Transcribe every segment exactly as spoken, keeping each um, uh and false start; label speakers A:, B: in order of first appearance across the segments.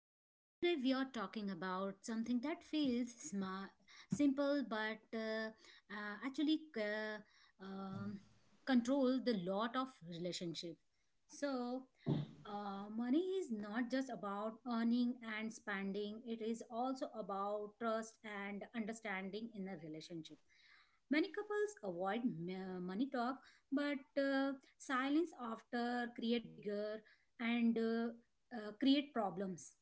A: And today we are talking about something that feels smart, simple, but uh, uh, actually uh, um, control the lot of relationship. So uh, money is not just about earning and spending; it is also about trust and understanding in a relationship. Many couples avoid m- money talk, but uh, silence after create bigger and uh, uh, create problems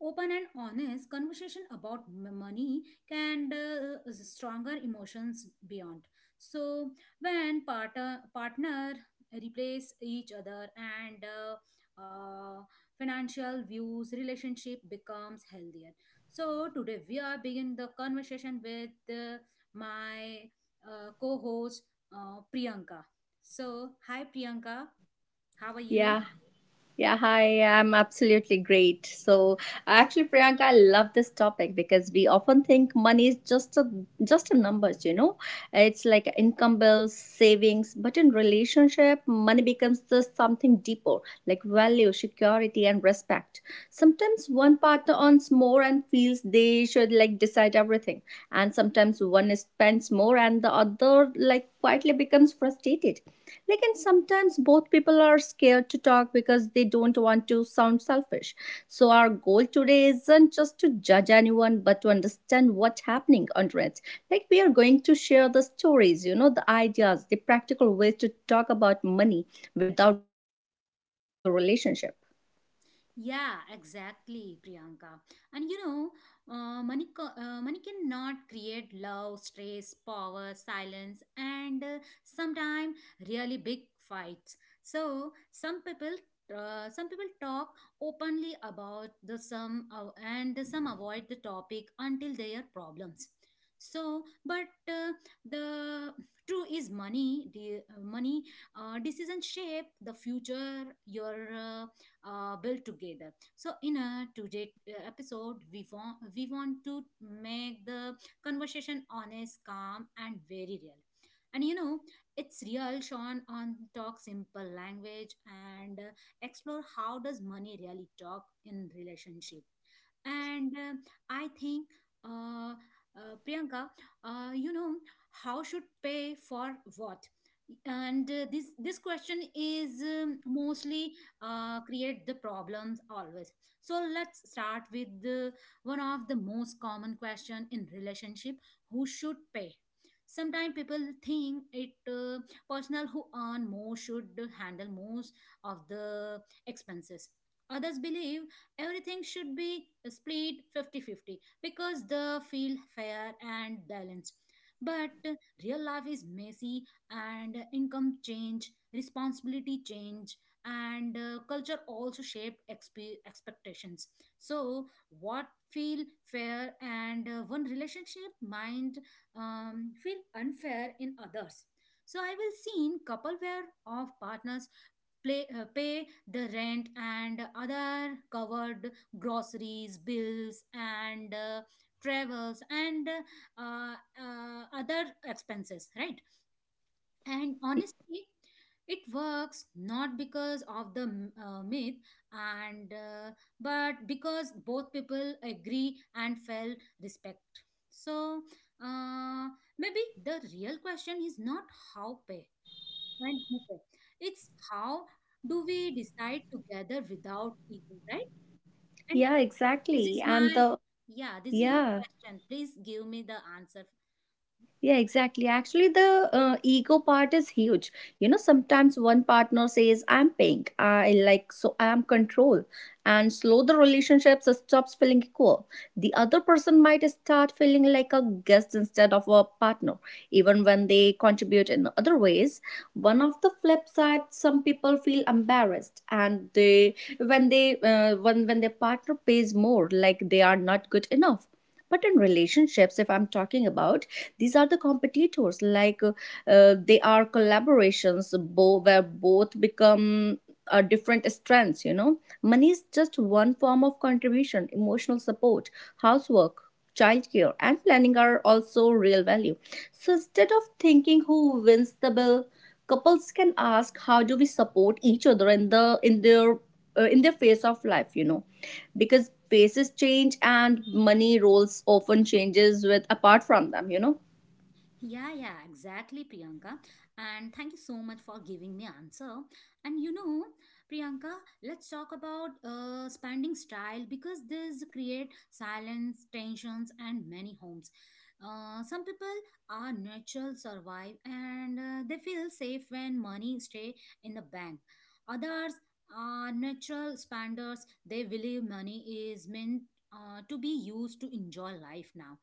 A: open and honest conversation about m- money can uh, stronger emotions beyond so when partner partner replace each other and uh, uh, financial views relationship becomes healthier so today we are begin the conversation with uh, my uh, co-host uh, Priyanka so hi Priyanka, how are you?
B: Yeah. Yeah, Hi, I'm absolutely great. So, actually, Priyanka, I love this topic because we often think money is just a just a numbers, you know. It's like income bills, savings, but in relationship, money becomes just something deeper, like value, security, and respect. Sometimes one partner earns more and feels they should like decide everything, and sometimes one spends more and the other like quietly becomes frustrated, like and sometimes both people are scared to talk because they don't want to sound selfish. So our goal today isn't just to judge anyone but to understand what's happening under it. Like we are going to share the stories, you know, the ideas, the practical ways to talk about money without breaking the relationship.
A: Yeah, exactly, Priyanka. And you know, uh, money, co- uh, money cannot create love, stress, power, silence, and uh, sometimes really big fights. So some people, uh, some people talk openly about the some, uh, and some avoid the topic until their problems. So, but uh, the true is money. The money uh, decision shape the future. Your uh, uh, build together. So in a today uh, episode, we want we want to make the conversation honest, calm, and very real. And you know, it's real. Sean on talk simple language and uh, explore how does money really talk in relationship and uh, I think uh, uh, Priyanka, uh, you know, how should pay for what and uh, this this question is um, mostly uh, create the problems always. So let's start with the one of the most common question in relationship: who should pay? Sometimes people think it uh, personal who earn more should handle most of the expenses. Others believe everything should be split fifty fifty because they feel fair and balanced, but uh, real life is messy and income change responsibility change, and uh, culture also shape expe- expectations. So what feel fair and uh, one relationship might um, feel unfair in others. So I will seen couple where of partners play uh, pay the rent and other covered groceries bills and uh, travels and uh, uh, other expenses, right? And honestly, it works not because of the uh, myth and uh, but because both people agree and felt respect. So uh, maybe the real question is not how pay and who pay. It's how do we decide together without ego, right? And
B: Yeah,
A: this is
B: exactly. And
A: my
B: the
A: yeah, this is my
B: yeah,
A: question. Please give me the answer.
B: yeah, exactly. Actually, the uh, ego part is huge. You know, sometimes one partner says, "I'm pink," I like, so I'm control, and slow the relationship so stops feeling equal. The other person might start feeling like a guest instead of a partner, even when they contribute in other ways. One of the flip side, some people feel embarrassed, and they when they uh, when when their partner pays more, like they are not good enough. But in relationships if I'm talking about, these are the competitors like uh, uh, they are collaborations bo- where both become uh, different strengths. You know money is just one form of contribution, emotional support, housework, childcare, and planning are also real value. So instead of thinking who wins the bill, couples can ask how do we support each other in the in their uh, in their phase of life, you know, because phases change and money roles often changes with apart from them, you know.
A: Yeah, yeah, exactly, Priyanka. And thank you so much for giving me answer. And you know, Priyanka, let's talk about uh, spending style because this create silence, tensions, and many homes. Uh, some people are natural survive and uh, they feel safe when money stay in the bank. Others are natural spenders. They believe money is meant uh, to be used to enjoy life now.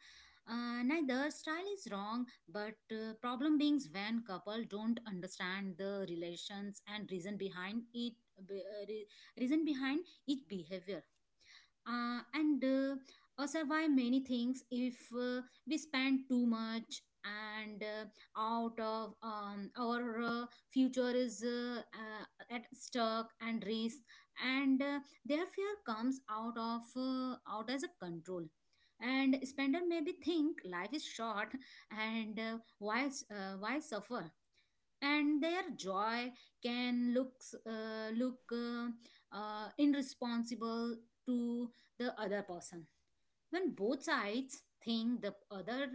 A: Uh, neither style is wrong, but uh, problem beings when couple don't understand the relations and reason behind it be- uh, re- reason behind each behavior uh, and uh, uh, survive many things if uh, we spend too much and uh, out of um, our uh, future is uh, uh, at stuck and risk, and uh, their fear comes out of uh, out as a control. And spender maybe think life is short and uh, why uh, why suffer, and their joy can looks uh, look uh, uh, irresponsible to the other person. When both sides think the other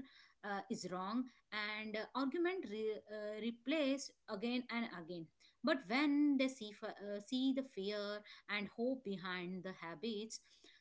A: uh, is wrong and uh, argument re- uh, replace again and again, but when they see f- uh, see the fear and hope behind the habits,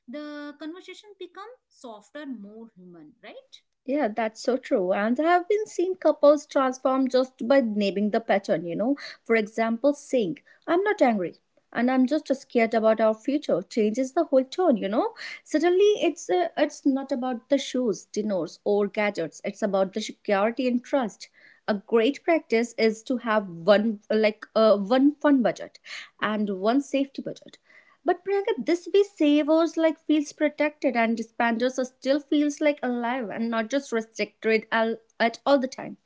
A: the conversation become softer, more human, right?
B: Yeah, that's so true. And I have been seen couples transform just by naming the pattern, you know. For example, saying, I'm not angry and I'm just scared about our future changes the whole tone, you know. Suddenly, it's uh, it's not about the shoes, dinners, or gadgets. It's about the security and trust. A great practice is to have one like uh, one fun budget and one safety budget. But Priyanka, this way savers like feels protected and dispanders are still feels like alive and not just restricted al- at all the time.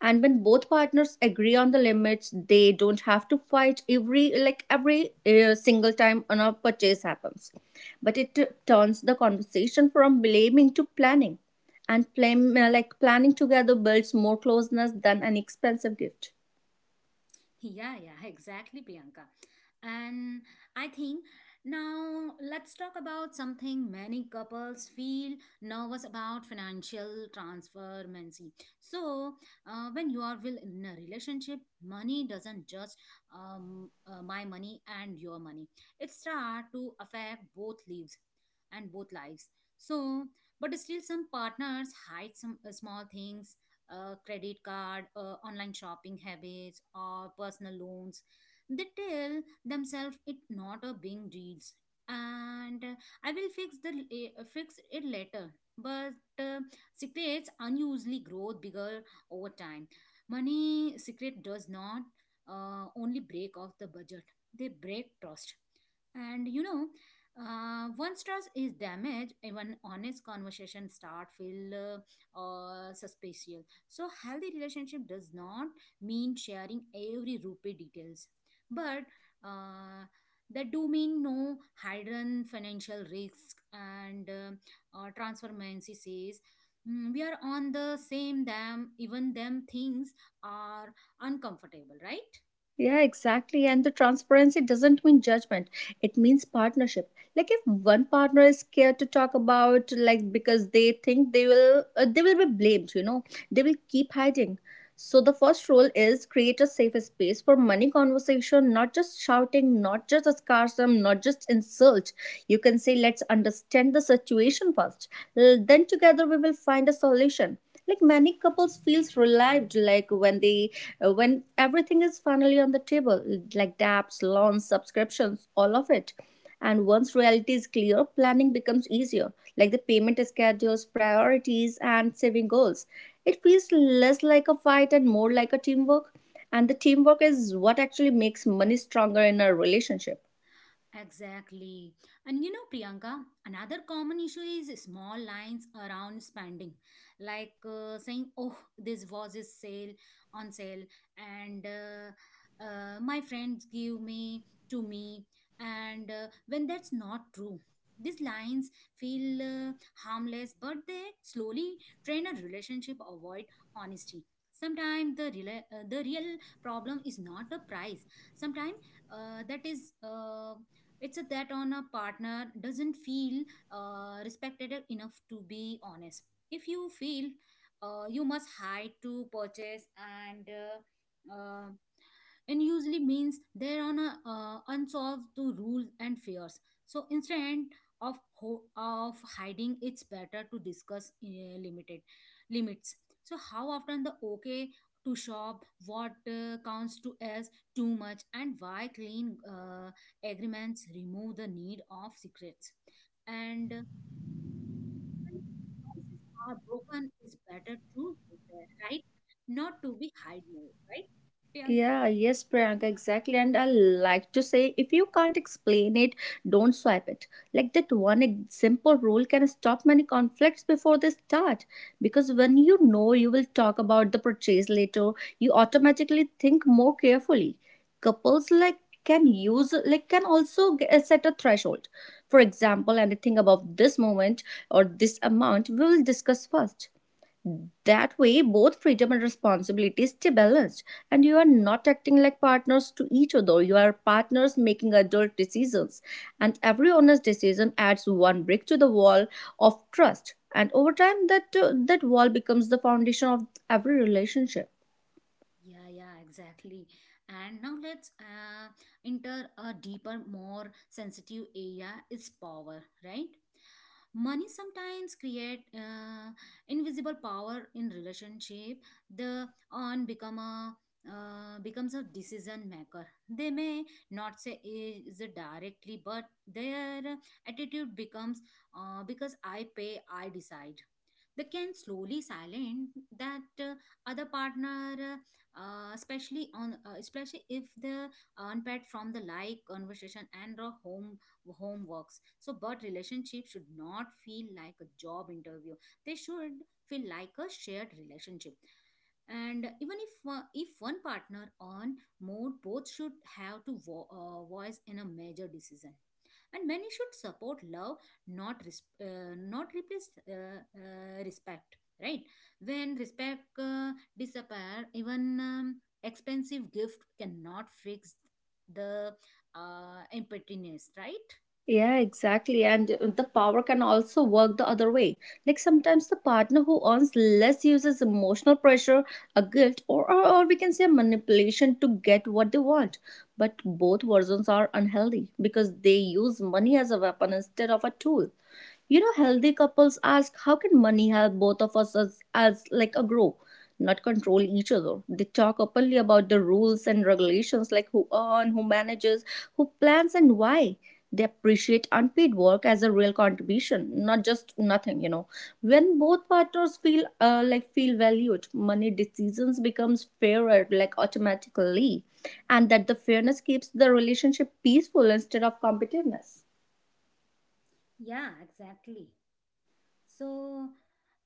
B: And when both partners agree on the limits, they don't have to fight every like every uh, single time on a purchase happens. But it uh, turns the conversation from blaming to planning, and plan, uh, like planning together builds more closeness than an expensive gift.
A: Yeah, yeah, exactly, Priyanka. And I think now let's talk about something many couples feel nervous about: financial transformancy. So, uh, when you are will in a relationship, money doesn't just um, uh, my money and your money. It start to affect both lives and both lives. So, but still, some partners hide some uh, small things: uh, credit card, uh, online shopping habits, or personal loans. They tell themselves it not a big deals, and uh, I will fix the uh, fix it later. But uh, secrets unusually grow bigger over time. Money secret does not uh, only break off the budget; they break trust. And you know, uh, once trust is damaged, even honest conversation start feel uh, uh, suspicious. So healthy relationship does not mean sharing every rupee details, but uh, that do mean no hidden financial risk and uh, uh, transformancy says, "Mm, we are on the same them even them things are uncomfortable," right?
B: Yeah, exactly. And the transparency doesn't mean judgment. It means partnership. Like if one partner is scared to talk about like because they think they will uh, they will be blamed, you know. They will keep hiding. So the first rule is create a safe space for money conversation, not just shouting, not just sarcasm, not just insult. You can say let's understand the situation first. L- Then together we will find a solution. Like many couples feels relieved like when they uh, when everything is finally on the table, like debts, loans, subscriptions, all of it. And once reality is clear, planning becomes easier, like the payment schedules, priorities, and saving goals. It feels less like a fight and more like a teamwork, and the teamwork is what actually makes money stronger in a relationship.
A: Exactly. And you know, Priyanka, another common issue is small lines around spending, like uh, saying, oh, this was is sale on sale, and uh, uh, my friends give me to me. And uh, when that's not true, these lines feel uh, harmless, but they slowly train a relationship avoid honesty. Sometimes the, rela- uh, the real problem is not the price. Sometimes uh, that is. Uh, it's a, that on a partner doesn't feel uh, respected enough to be honest. If you feel uh, you must hide to purchase and uh, uh, and usually means they're on a uh, unsolved to rules and fears. So instead of ho- of hiding, it's better to discuss uh, limited limits, so how often the okay to shop, what uh, counts to as too much, and why clean uh, agreements remove the need of secrets, and uh, when promises are broken it's better to repair, right, not to be hide more, right, Priyanka?
B: Yeah, yes, Priyanka, exactly. And I like to say if you can't explain it, don't swipe it. Like that one ex- simple rule can stop many conflicts before they start. Because when you know you will talk about the purchase later, you automatically think more carefully. Couples like can use like can also g- uh, set a threshold. For example, anything above this moment or this amount we will discuss first. That way, both freedom and responsibility stay balanced, and you are not acting like partners to each other. You are partners making adult decisions, and every honest decision adds one brick to the wall of trust. And over time, that uh, that wall becomes the foundation of every relationship.
A: Yeah, yeah, exactly. And now let's uh, enter a deeper, more sensitive area is power, right? Money sometimes create uh, invisible power in relationship. The on become a uh, becomes a decision maker. They may not say is it directly, but their attitude becomes uh, because I pay, I decide. They can slowly silence that uh, other partner, uh, especially on uh, especially if the unpaired from the like conversation and or home homeworks. So but relationships should not feel like a job interview, they should feel like a shared relationship, and even if uh, if one partner on more, both should have to vo- uh, voice in a major decision, and many should support love, not res- uh, not replace uh, uh, respect, right? When respect uh, disappear, even um, expensive gift cannot fix the uh, emptiness, right?
B: Yeah, exactly. And the power can also work the other way. Like sometimes the partner who earns less uses emotional pressure, a guilt, or, or, or we can say manipulation to get what they want. But both versions are unhealthy because they use money as a weapon instead of a tool. You know, healthy couples ask, how can money help both of us as, as like a grow, not control each other? They talk openly about the rules and regulations, like who earn, who manages, who plans, and why. They appreciate unpaid work as a real contribution, not just nothing. You know, when both partners feel uh, like feel valued, money decisions becomes fairer, like automatically, and that the fairness keeps the relationship peaceful instead of competitiveness.
A: Yeah, exactly. So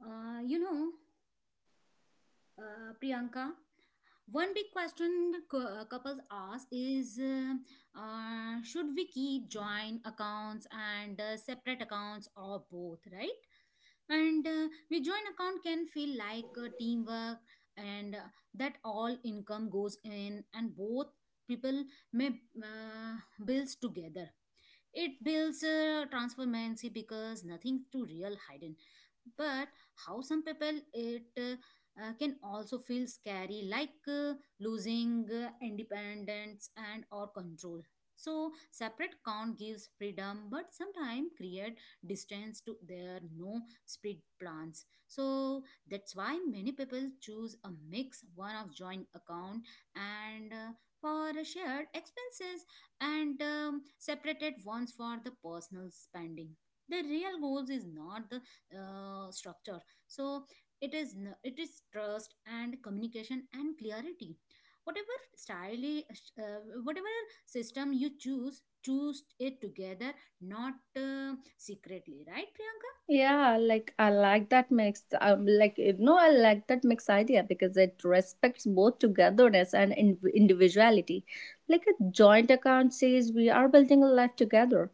A: uh, you know, uh, Priyanka, one big question cou- uh, couples ask is uh, uh, should we keep joint accounts and uh, separate accounts or both, right? And uh, we joint account can feel like uh, teamwork and uh, that all income goes in and both people may uh, bills together. It builds uh, transparency because nothing too real hidden. But how some people it uh, uh, can also feel scary, like uh, losing uh, independence and or control. So separate count gives freedom, but sometimes create distance to their no speed plans. So that's why many people choose a mix, one of joint account and uh, for shared expenses and um, separated ones for the personal spending. The real goals is not the uh, structure. So it is n- it is trust and communication and clarity. Whatever style, uh, whatever system you choose, choose it together, not uh, secretly, right, Priyanka?
B: Yeah, like I like that mix. Um, like you know, I like that mix idea because it respects both togetherness and in- individuality. Like a joint account says we are building a life together,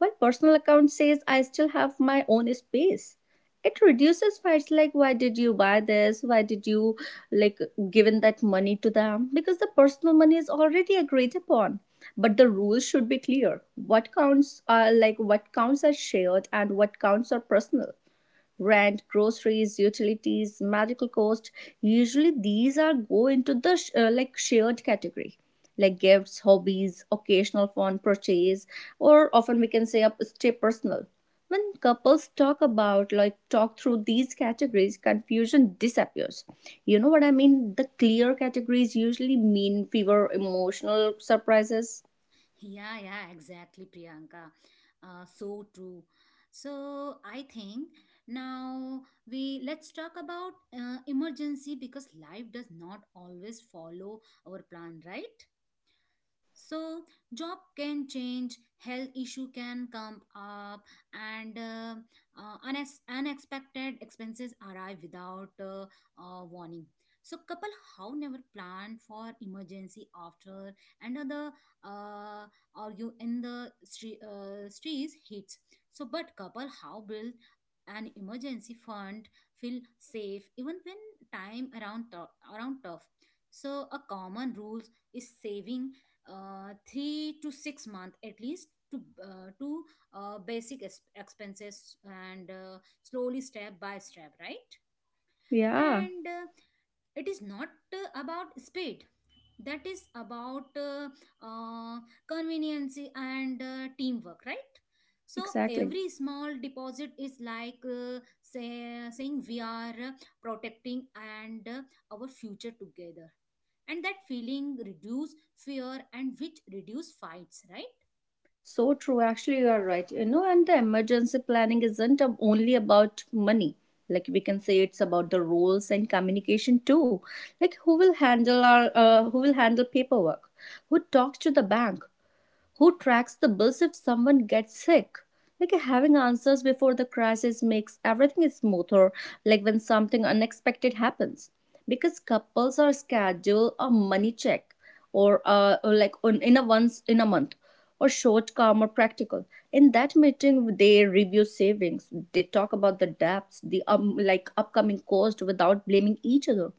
B: while personal account says I still have my own space. It reduces fights like why did you buy this, why did you like given that money to them, because the personal money is already agreed upon. But the rules should be clear what counts are like what counts as shared and what counts are personal. Rent, groceries, utilities, medical cost, usually these are go into the sh- uh, like shared category. Like gifts, hobbies, occasional fun purchase, or often we can say up stay personal. When couples talk about like talk through these categories, confusion disappears. You know what I mean? The clear categories usually mean fewer emotional surprises.
A: Yeah, yeah, exactly, Priyanka. Uh, so true. So I think now we let's talk about uh, emergency because life does not always follow our plan, right? So job can change, health issue can come up, and uh, uh, unex- unexpected expenses arrive without uh, uh, warning. So couple how never plan for emergency after another uh, argue in the stre- uh, streets hits. So but couple how build an emergency fund feel safe even when time around tou- around tough. So a common rules is saving uh, three to six months at least to uh, to uh, basic es- expenses, and uh, slowly step by step, right?
B: Yeah,
A: And uh, it is not uh, about speed, that is about uh, uh, convenience and uh, teamwork, right? So
B: exactly.
A: every small deposit is like uh, say, saying we are uh, protecting and uh, our future together, and that feeling reduce fear and which reduce fights, right?
B: So true. Actually, you are right. You know, and the emergency planning isn't um, only about money. Like we can say, it's about the roles and communication too. Like who will handle our, uh, who will handle paperwork? Who talks to the bank? Who tracks the bills if someone gets sick? Like having answers before the crisis makes everything smoother, like when something unexpected happens. Because couples are schedule a money check or uh, or like on, in a once in a month, or short, calm, or practical. In that meeting, they review savings. They talk about the debts, the um, like upcoming cost without blaming each other.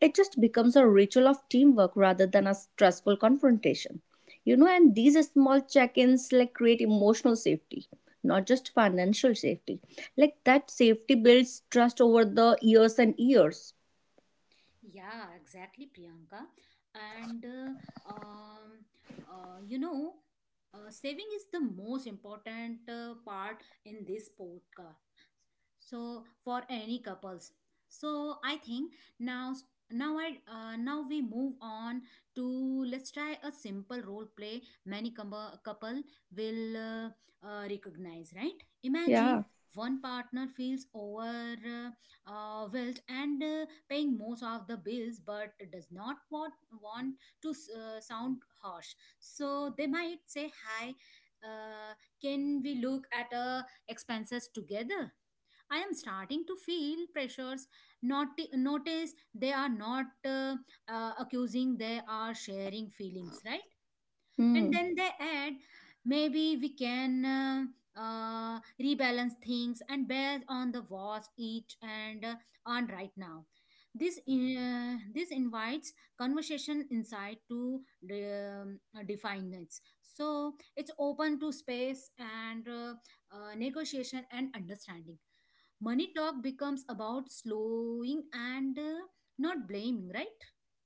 B: It just becomes a ritual of teamwork rather than a stressful confrontation, you know. And these small check-ins like create emotional safety, not just financial safety. Like that safety builds trust over the years and years.
A: Yeah, exactly, Priyanka. And uh, um, uh, you know, uh, saving is the most important uh, part in this podcast. So for any couples. So I think now s- now I uh, now we move on to let's try a simple role play many com- couple will uh, uh, recognize, right? Imagine
B: Yeah.
A: one partner feels over uh, uh, wilt and uh, paying most of the bills but does not want, want to uh, sound harsh, so they might say, hi, uh, can we look at uh, expenses together? I am starting to feel pressures. Not notice, they are not uh, uh, accusing, they are sharing feelings, right? And
B: Hmm.
A: then they add, maybe we can uh, uh, rebalance things and based on the was eat and uh, on right now. This uh, this invites conversation inside to um, define it, so it's open to space and uh, uh, negotiation and understanding. Money talk becomes about slowing and uh, not blaming, right?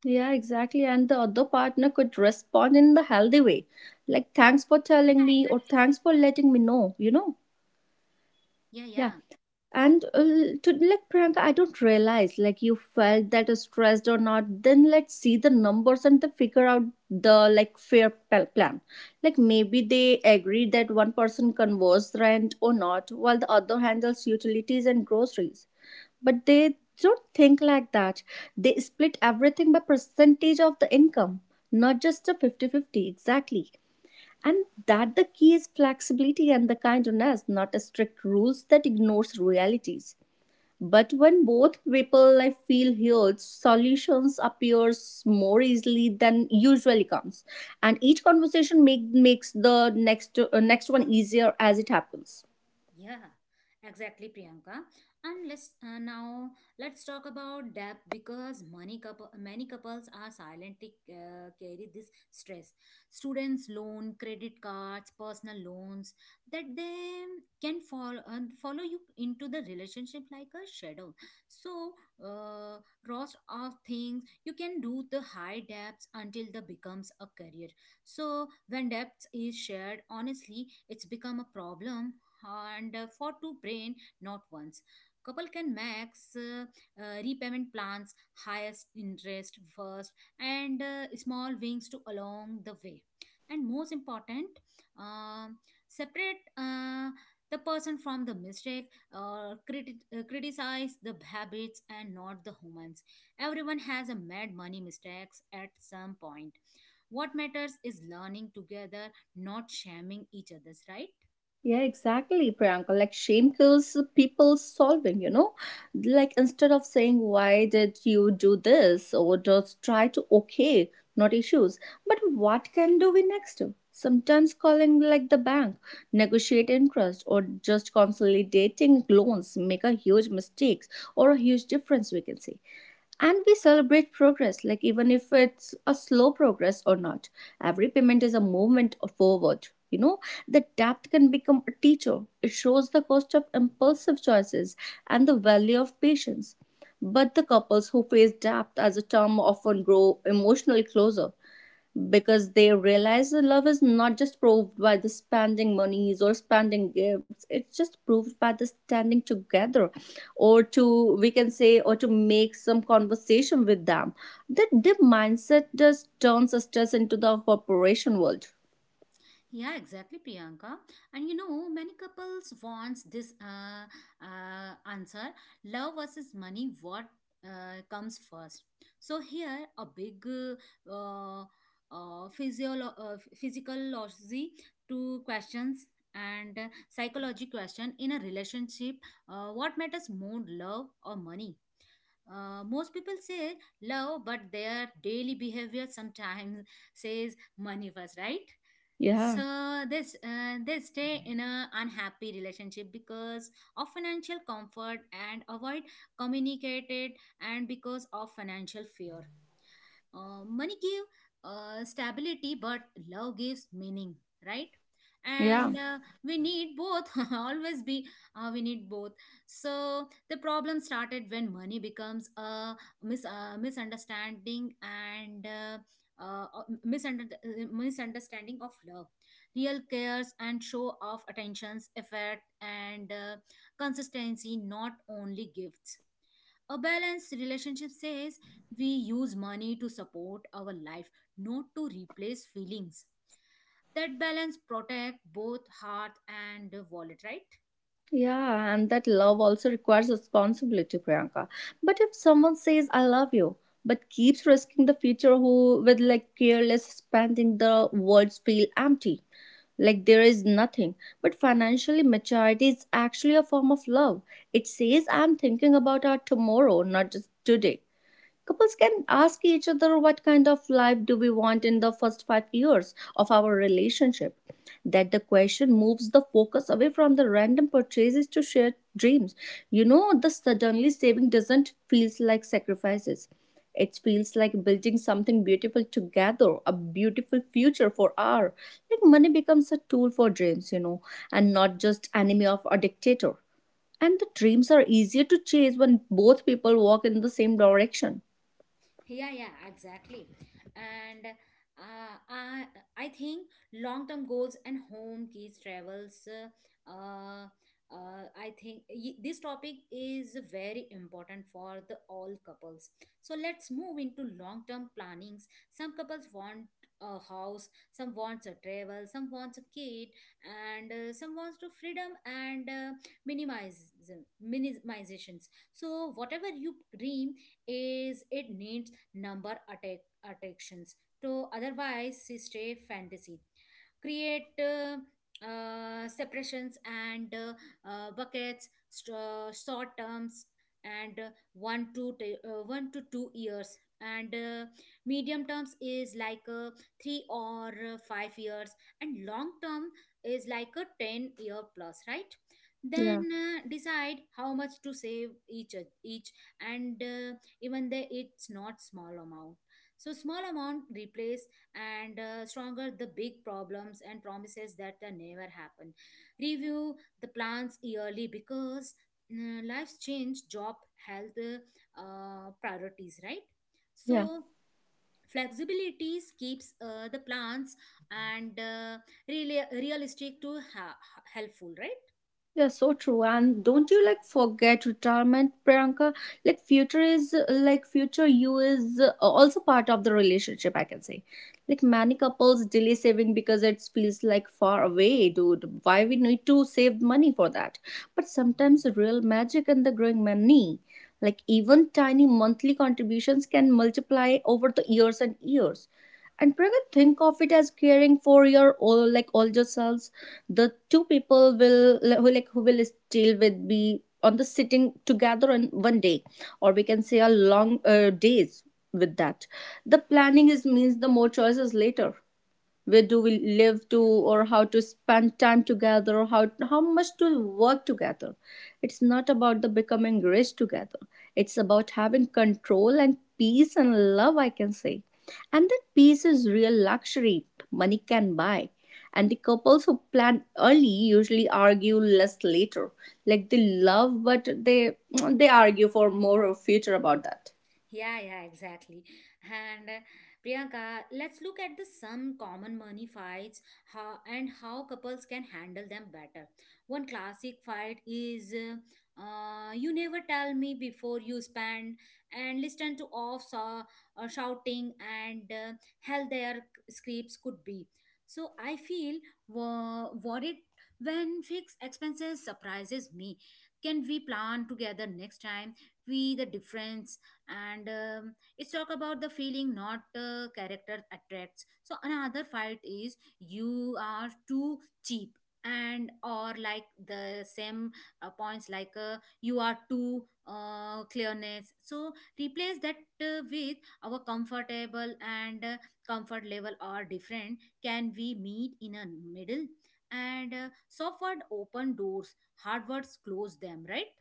B: Yeah, exactly. And the other partner could respond in the healthy way. Like, thanks for telling
A: Yeah,
B: me, or
A: exactly.
B: thanks for letting me know, you know?
A: Yeah,
B: Yeah.
A: yeah.
B: And uh, to like Priyanka, I don't realize like you felt that stressed or not. Then let's see the numbers and to figure out the like fair pl- plan. Like maybe they agree that one person converses rent or not, while the other handles utilities and groceries. But they don't think like that. They split everything by percentage of the income, not just a fifty-fifty exactly. And that the key is flexibility and the kindness, not a strict rules that ignores realities. But when both people I feel heard, solutions appears more easily than usually comes, and each conversation make, makes the next uh, next one easier as it happens.
A: Yeah, exactly, Priyanka. And let's uh, now let's talk about debt, because many couple, many couples are silently uh, carry this stress. Students' loan, credit cards, personal loans that they can follow uh, follow you into the relationship like a shadow. So, uh, lots of things you can do the high debts until the becomes a career. So, when debts is shared, honestly, it's become a problem and uh, for two brain not once couple can max uh, uh, repayment plans highest interest first and uh, small wings to along the way. And most important, um, separate uh, the person from the mistake or criti- uh, criticize the habits and not the humans. Everyone has a mad money mistakes at some point. What matters is learning together, not shaming each other's, right?
B: Yeah, exactly, Priyanka. Like shame kills people solving, you know? Like instead of saying, why did you do this? Or just try to okay, not issues. But what can do we next? Sometimes calling like the bank, negotiate interest, or just consolidating loans make a huge mistakes or a huge difference, we can say. And we celebrate progress like even if it's a slow progress or not, every payment is a movement forward, you know. The debt can become a teacher. It shows the cost of impulsive choices and the value of patience. But the couples who face debt as a term often grow emotionally closer, because they realize the love is not just proved by the spending monies or spending gifts. It's just proved by the standing together, or to we can say or to make some conversation with them. That the mindset just turns us into the corporation world.
A: Yeah, exactly, Priyanka. And you know, many couples wants this uh, uh, answer: love versus money. What uh, comes first? So here, a big uh, uh, uh, physiolo- uh, physiology to questions and uh, psychology question in a relationship. Uh, what matters more, love or money? Uh, most people say love, but their daily behavior sometimes says money first, right?
B: yeah
A: So this, uh, they stay in a unhappy relationship because of financial comfort and avoid communicated, and because of financial fear. Uh, money gave uh, stability, but love gives meaning, right?
B: yeah
A: And uh, we need both. Always be, uh, we need both. So the problem started when money becomes a mis- uh, misunderstanding and. Uh, uh, misunder- uh, misunderstanding of love. Real cares and show of attentions, effort and uh, consistency, not only gifts. A balanced relationship says we use money to support our life, not to replace feelings. That balance protect both heart and wallet, right?
B: yeah. And that love also requires responsibility, Priyanka. But if someone says I love you but keeps risking the future who with like careless spending, the words feel empty, like there is nothing. But financially, maturity is actually a form of love. It says, I'm thinking about our tomorrow, not just today. Couples can ask each other what kind of life do we want in the first five years of our relationship. That the question moves the focus away from the random purchases to shared dreams. You know, the suddenly saving doesn't feels like sacrifices. It feels like building something beautiful together, a beautiful future for our. Like money becomes a tool for dreams, you know, and not just enemy of a dictator. And the dreams are easier to chase when both people walk in the same direction.
A: Yeah, yeah, exactly. And uh, I, I think long-term goals and home keys travels, uh, uh, I think y- this topic is very important for the all couples. So let's move into long-term plannings. Some couples want a house, some wants a travel, some wants a kid, and uh, some wants to freedom and uh, minimize minimizations. So whatever you dream is, it needs number attack attractions, to otherwise stay fantasy. Create uh, uh, separations and uh, uh, buckets st- uh, short terms and uh, one to t- uh, one to two years, and uh, medium terms is like uh, three or uh, five years, and long term is like a ten year plus, right?
B: Yeah,
A: Then uh, decide how much to save each each and uh, even though it's not small amount. So small amount replace and uh, stronger the big problems and promises that uh, never happen. Review the plans yearly, because mm, life's change, job, health, uh, priorities, right?
B: yeah,
A: So flexibilities keeps uh, the plans and uh, really realistic to ha- helpful, right?
B: yeah, so true. And don't you like forget retirement, Priyanka? Like, future is like future you is uh, also part of the relationship, I can say. Like, many couples delay saving because it feels like far away, dude. Why we need to save money for that? But sometimes real magic in the growing money. Like, even tiny monthly contributions can multiply over the years and years. And Priyanka, think of it as caring for your old, like older selves, the two people will who like who will still with be on the sitting together on one day, or we can say a long uh, days with that. The planning is means the more choices later. Where do we live to, or how to spend time together, or how, how much to work together. It's not about the becoming rich together. It's about having control and peace and love, I can say. And that peace is real luxury money can buy. And the couples who plan early usually argue less later. Like they love, but they they argue for more future about that.
A: Yeah, yeah, exactly. And uh, Priyanka, let's look at the some common money fights, how and how couples can handle them better. One classic fight is, uh, uh, you never tell me before you spend, and listen to off saw uh, shouting and uh, hell their scrapes could be. So I feel wo- worried when fixed expenses surprises me. Can we plan together next time? We the difference. And um, it's talk about the feeling, not uh, character attracts. So another fight is, you are too cheap, and or like the same uh, points, like uh, you are too uh, clearness. So replace that uh, with our comfortable, and uh, comfort level are different, can we meet in a middle? And uh, soft word open doors, hard words close them, right?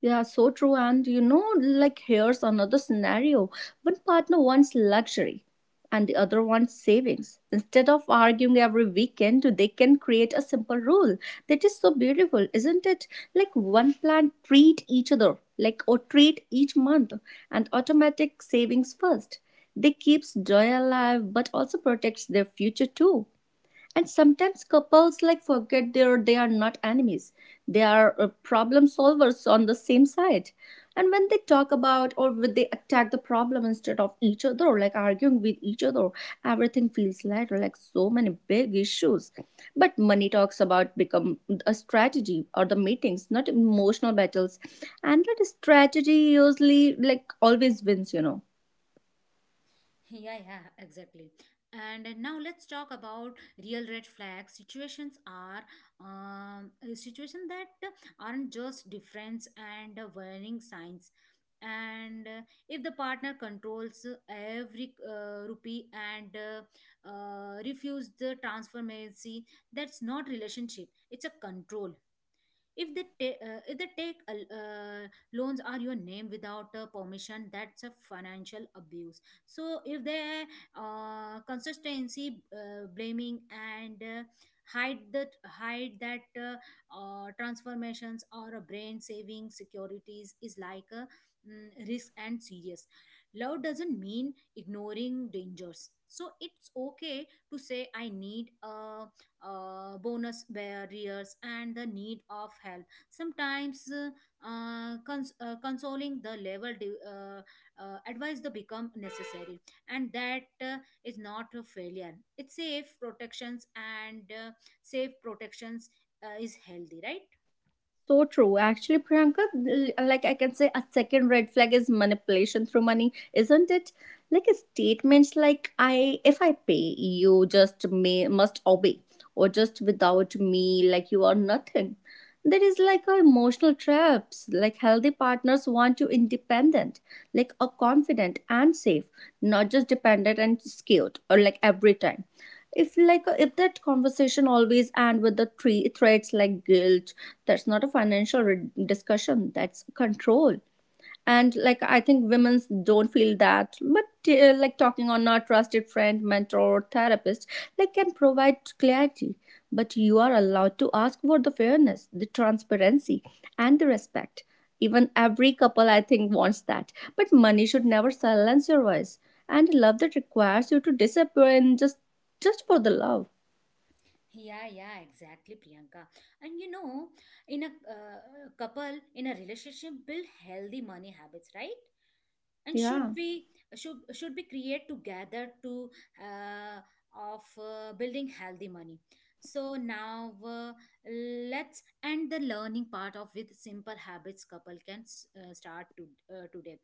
B: Yeah, so true. And you know, like here's another scenario. One partner wants luxury and the other wants savings. Instead of arguing every weekend, they can create a simple rule. That is so beautiful, isn't it? Like one plan treat each other, like or treat each month, and automatic savings first. They keeps joy alive but also protects their future too. And sometimes couples like forget they are, they are not enemies, they are uh, problem solvers on the same side. And when they talk about, or when they attack the problem instead of each other, like arguing with each other, everything feels lighter. Like so many big issues, but money talks about become a strategy or the meetings, not emotional battles. And that strategy usually like always wins, you know.
A: Yeah, yeah, exactly. And now let's talk about real red flags. Situations are, um, a situation that aren't just difference and warning signs. And uh, if the partner controls every uh, rupee and uh, uh, refuse the transformacy, that's not relationship. It's a control. If they ta- uh, if they take uh, loans are your name without uh, permission, that's a financial abuse. So if they uh, consistency uh, blaming and uh, hide that hide that uh, uh, transformations, or a brain saving securities is like a mm, risk and serious. Love doesn't mean ignoring dangers. So it's okay to say, I need a uh, bonus barriers, and the need of help. Sometimes uh, uh, cons- uh, consoling the level de- uh, uh, advice to become necessary, and that uh, is not a failure, it's safe protections and uh, safe protections uh, is healthy, right?
B: So true. Actually, Priyanka, l- like I can say, a second red flag is manipulation through money, isn't it? Like a statements like "I, if I pay, you just may must obey," or "just without me, like you are nothing." There is like a emotional traps. Like healthy partners want you independent, like a confident and safe, not just dependent and scared. Or like every time, if like if that conversation always end with the three threats like guilt, that's not a financial re- discussion, that's control. And like I think women don't feel that, but uh, like talking on a trusted friend, mentor, or therapist like can provide clarity. But you are allowed to ask for the fairness, the transparency, and the respect. Even every couple I think wants that, but money should never silence your voice. And love that requires you to disappear and just just for the love.
A: Yeah, yeah, exactly, Priyanka. And you know, in a uh, couple, in a relationship build healthy money habits, right? And
B: Yeah,
A: should be, should should be create together to uh, of uh, building healthy money. So now uh, let's end the learning part of with simple habits couple can s- uh, start to, uh, today.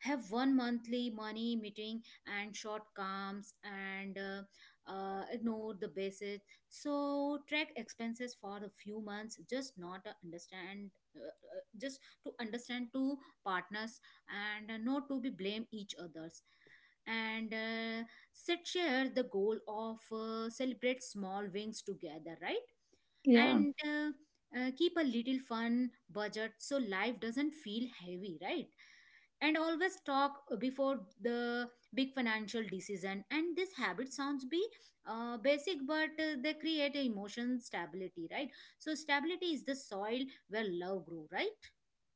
A: Have one monthly money meeting and short calms and uh, uh, ignore the basis. So track expenses for a few months, just not uh, understand, uh, uh, just to understand to partners and uh, not to be blame each others, and uh, set share the goal of uh, celebrate small wins together, right?
B: yeah.
A: And uh, uh, keep a little fun budget so life doesn't feel heavy, right? And always talk before the big financial decision, and this habit sounds be uh, basic, but uh, they create a emotion stability, right? So stability is the soil where love grew, right?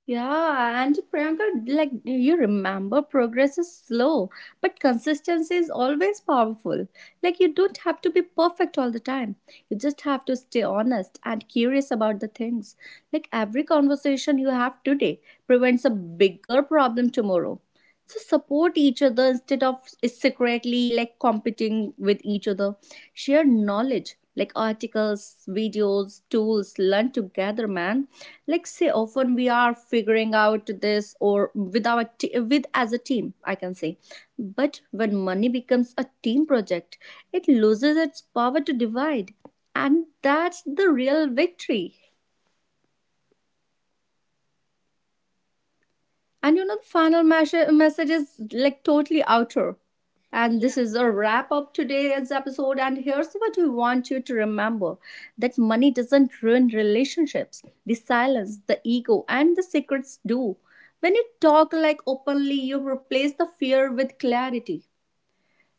B: Yeah, and Priyanka, like you remember, progress is slow, but consistency is always powerful. Like you don't have to be perfect all the time. You just have to stay honest and curious about the things. Like every conversation you have today prevents a bigger problem tomorrow. So support each other instead of secretly like competing with each other. Share knowledge like articles, videos, tools, learn together, man. Like say often we are figuring out this, or with our t- with as a team, I can say. But when money becomes a team project, it loses its power to divide, and that's the real victory. And you know, the final mes- message is like totally outer. And
A: Yeah.
B: this is a wrap up today's episode. And here's what we want you to remember that money doesn't ruin relationships, the silence, the ego, and the secrets do. When you talk like openly, you replace the fear with clarity.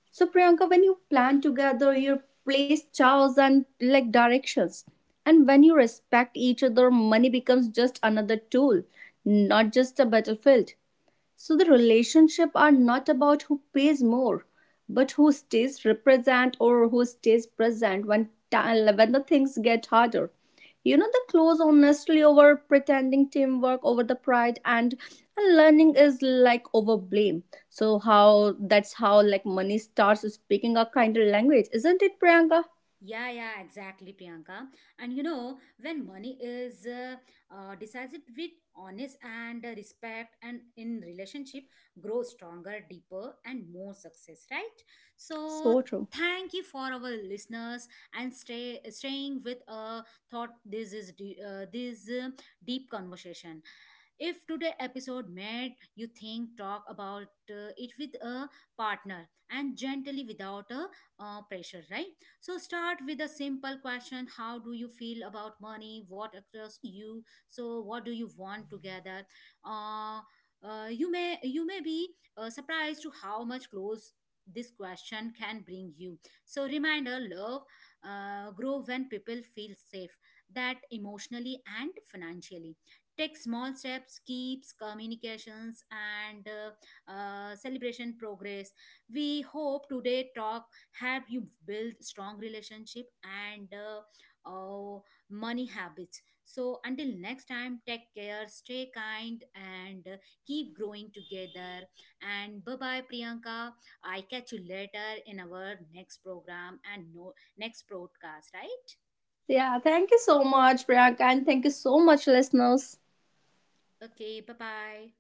B: So, Priyanka, when you plan together, you place chows and like directions. And when you respect each other, money becomes just another tool, not just a battlefield. So the relationship are not about who pays more, but who stays represent or who stays present when ti- when the things get harder. You know, the close honestly over pretending, teamwork over the pride, and learning is like over blame. So how that's how like money starts speaking a kind of language, isn't it, Priyanka?
A: Yeah, yeah, exactly, Priyanka. And you know, when money is uh, uh, decided with honest and uh, respect, and in relationship, grow stronger, deeper, and more success, right? So
B: So true.
A: thank you for our listeners, and stay staying with a thought. This is de- uh, this uh, deep conversation. If today episode made you think, talk about uh, it with a partner, and gently without a uh, pressure, right? So start with a simple question: how do you feel about money? What attracts you? So what do you want together? Uh, uh, you may you may be uh, surprised to how much close this question can bring you. So reminder: love uh, grow when people feel safe, that emotionally and financially. Take small steps, keeps communications and uh, uh, celebration progress. We hope today talk help you build strong relationship and uh, uh, money habits. So until next time, take care, stay kind, and uh, keep growing together. And bye bye, Priyanka. I catch you later in our next program, and no next broadcast, right?
B: Yeah, thank you so much, Priyanka, and thank you so much, listeners.
A: Okay, bye bye.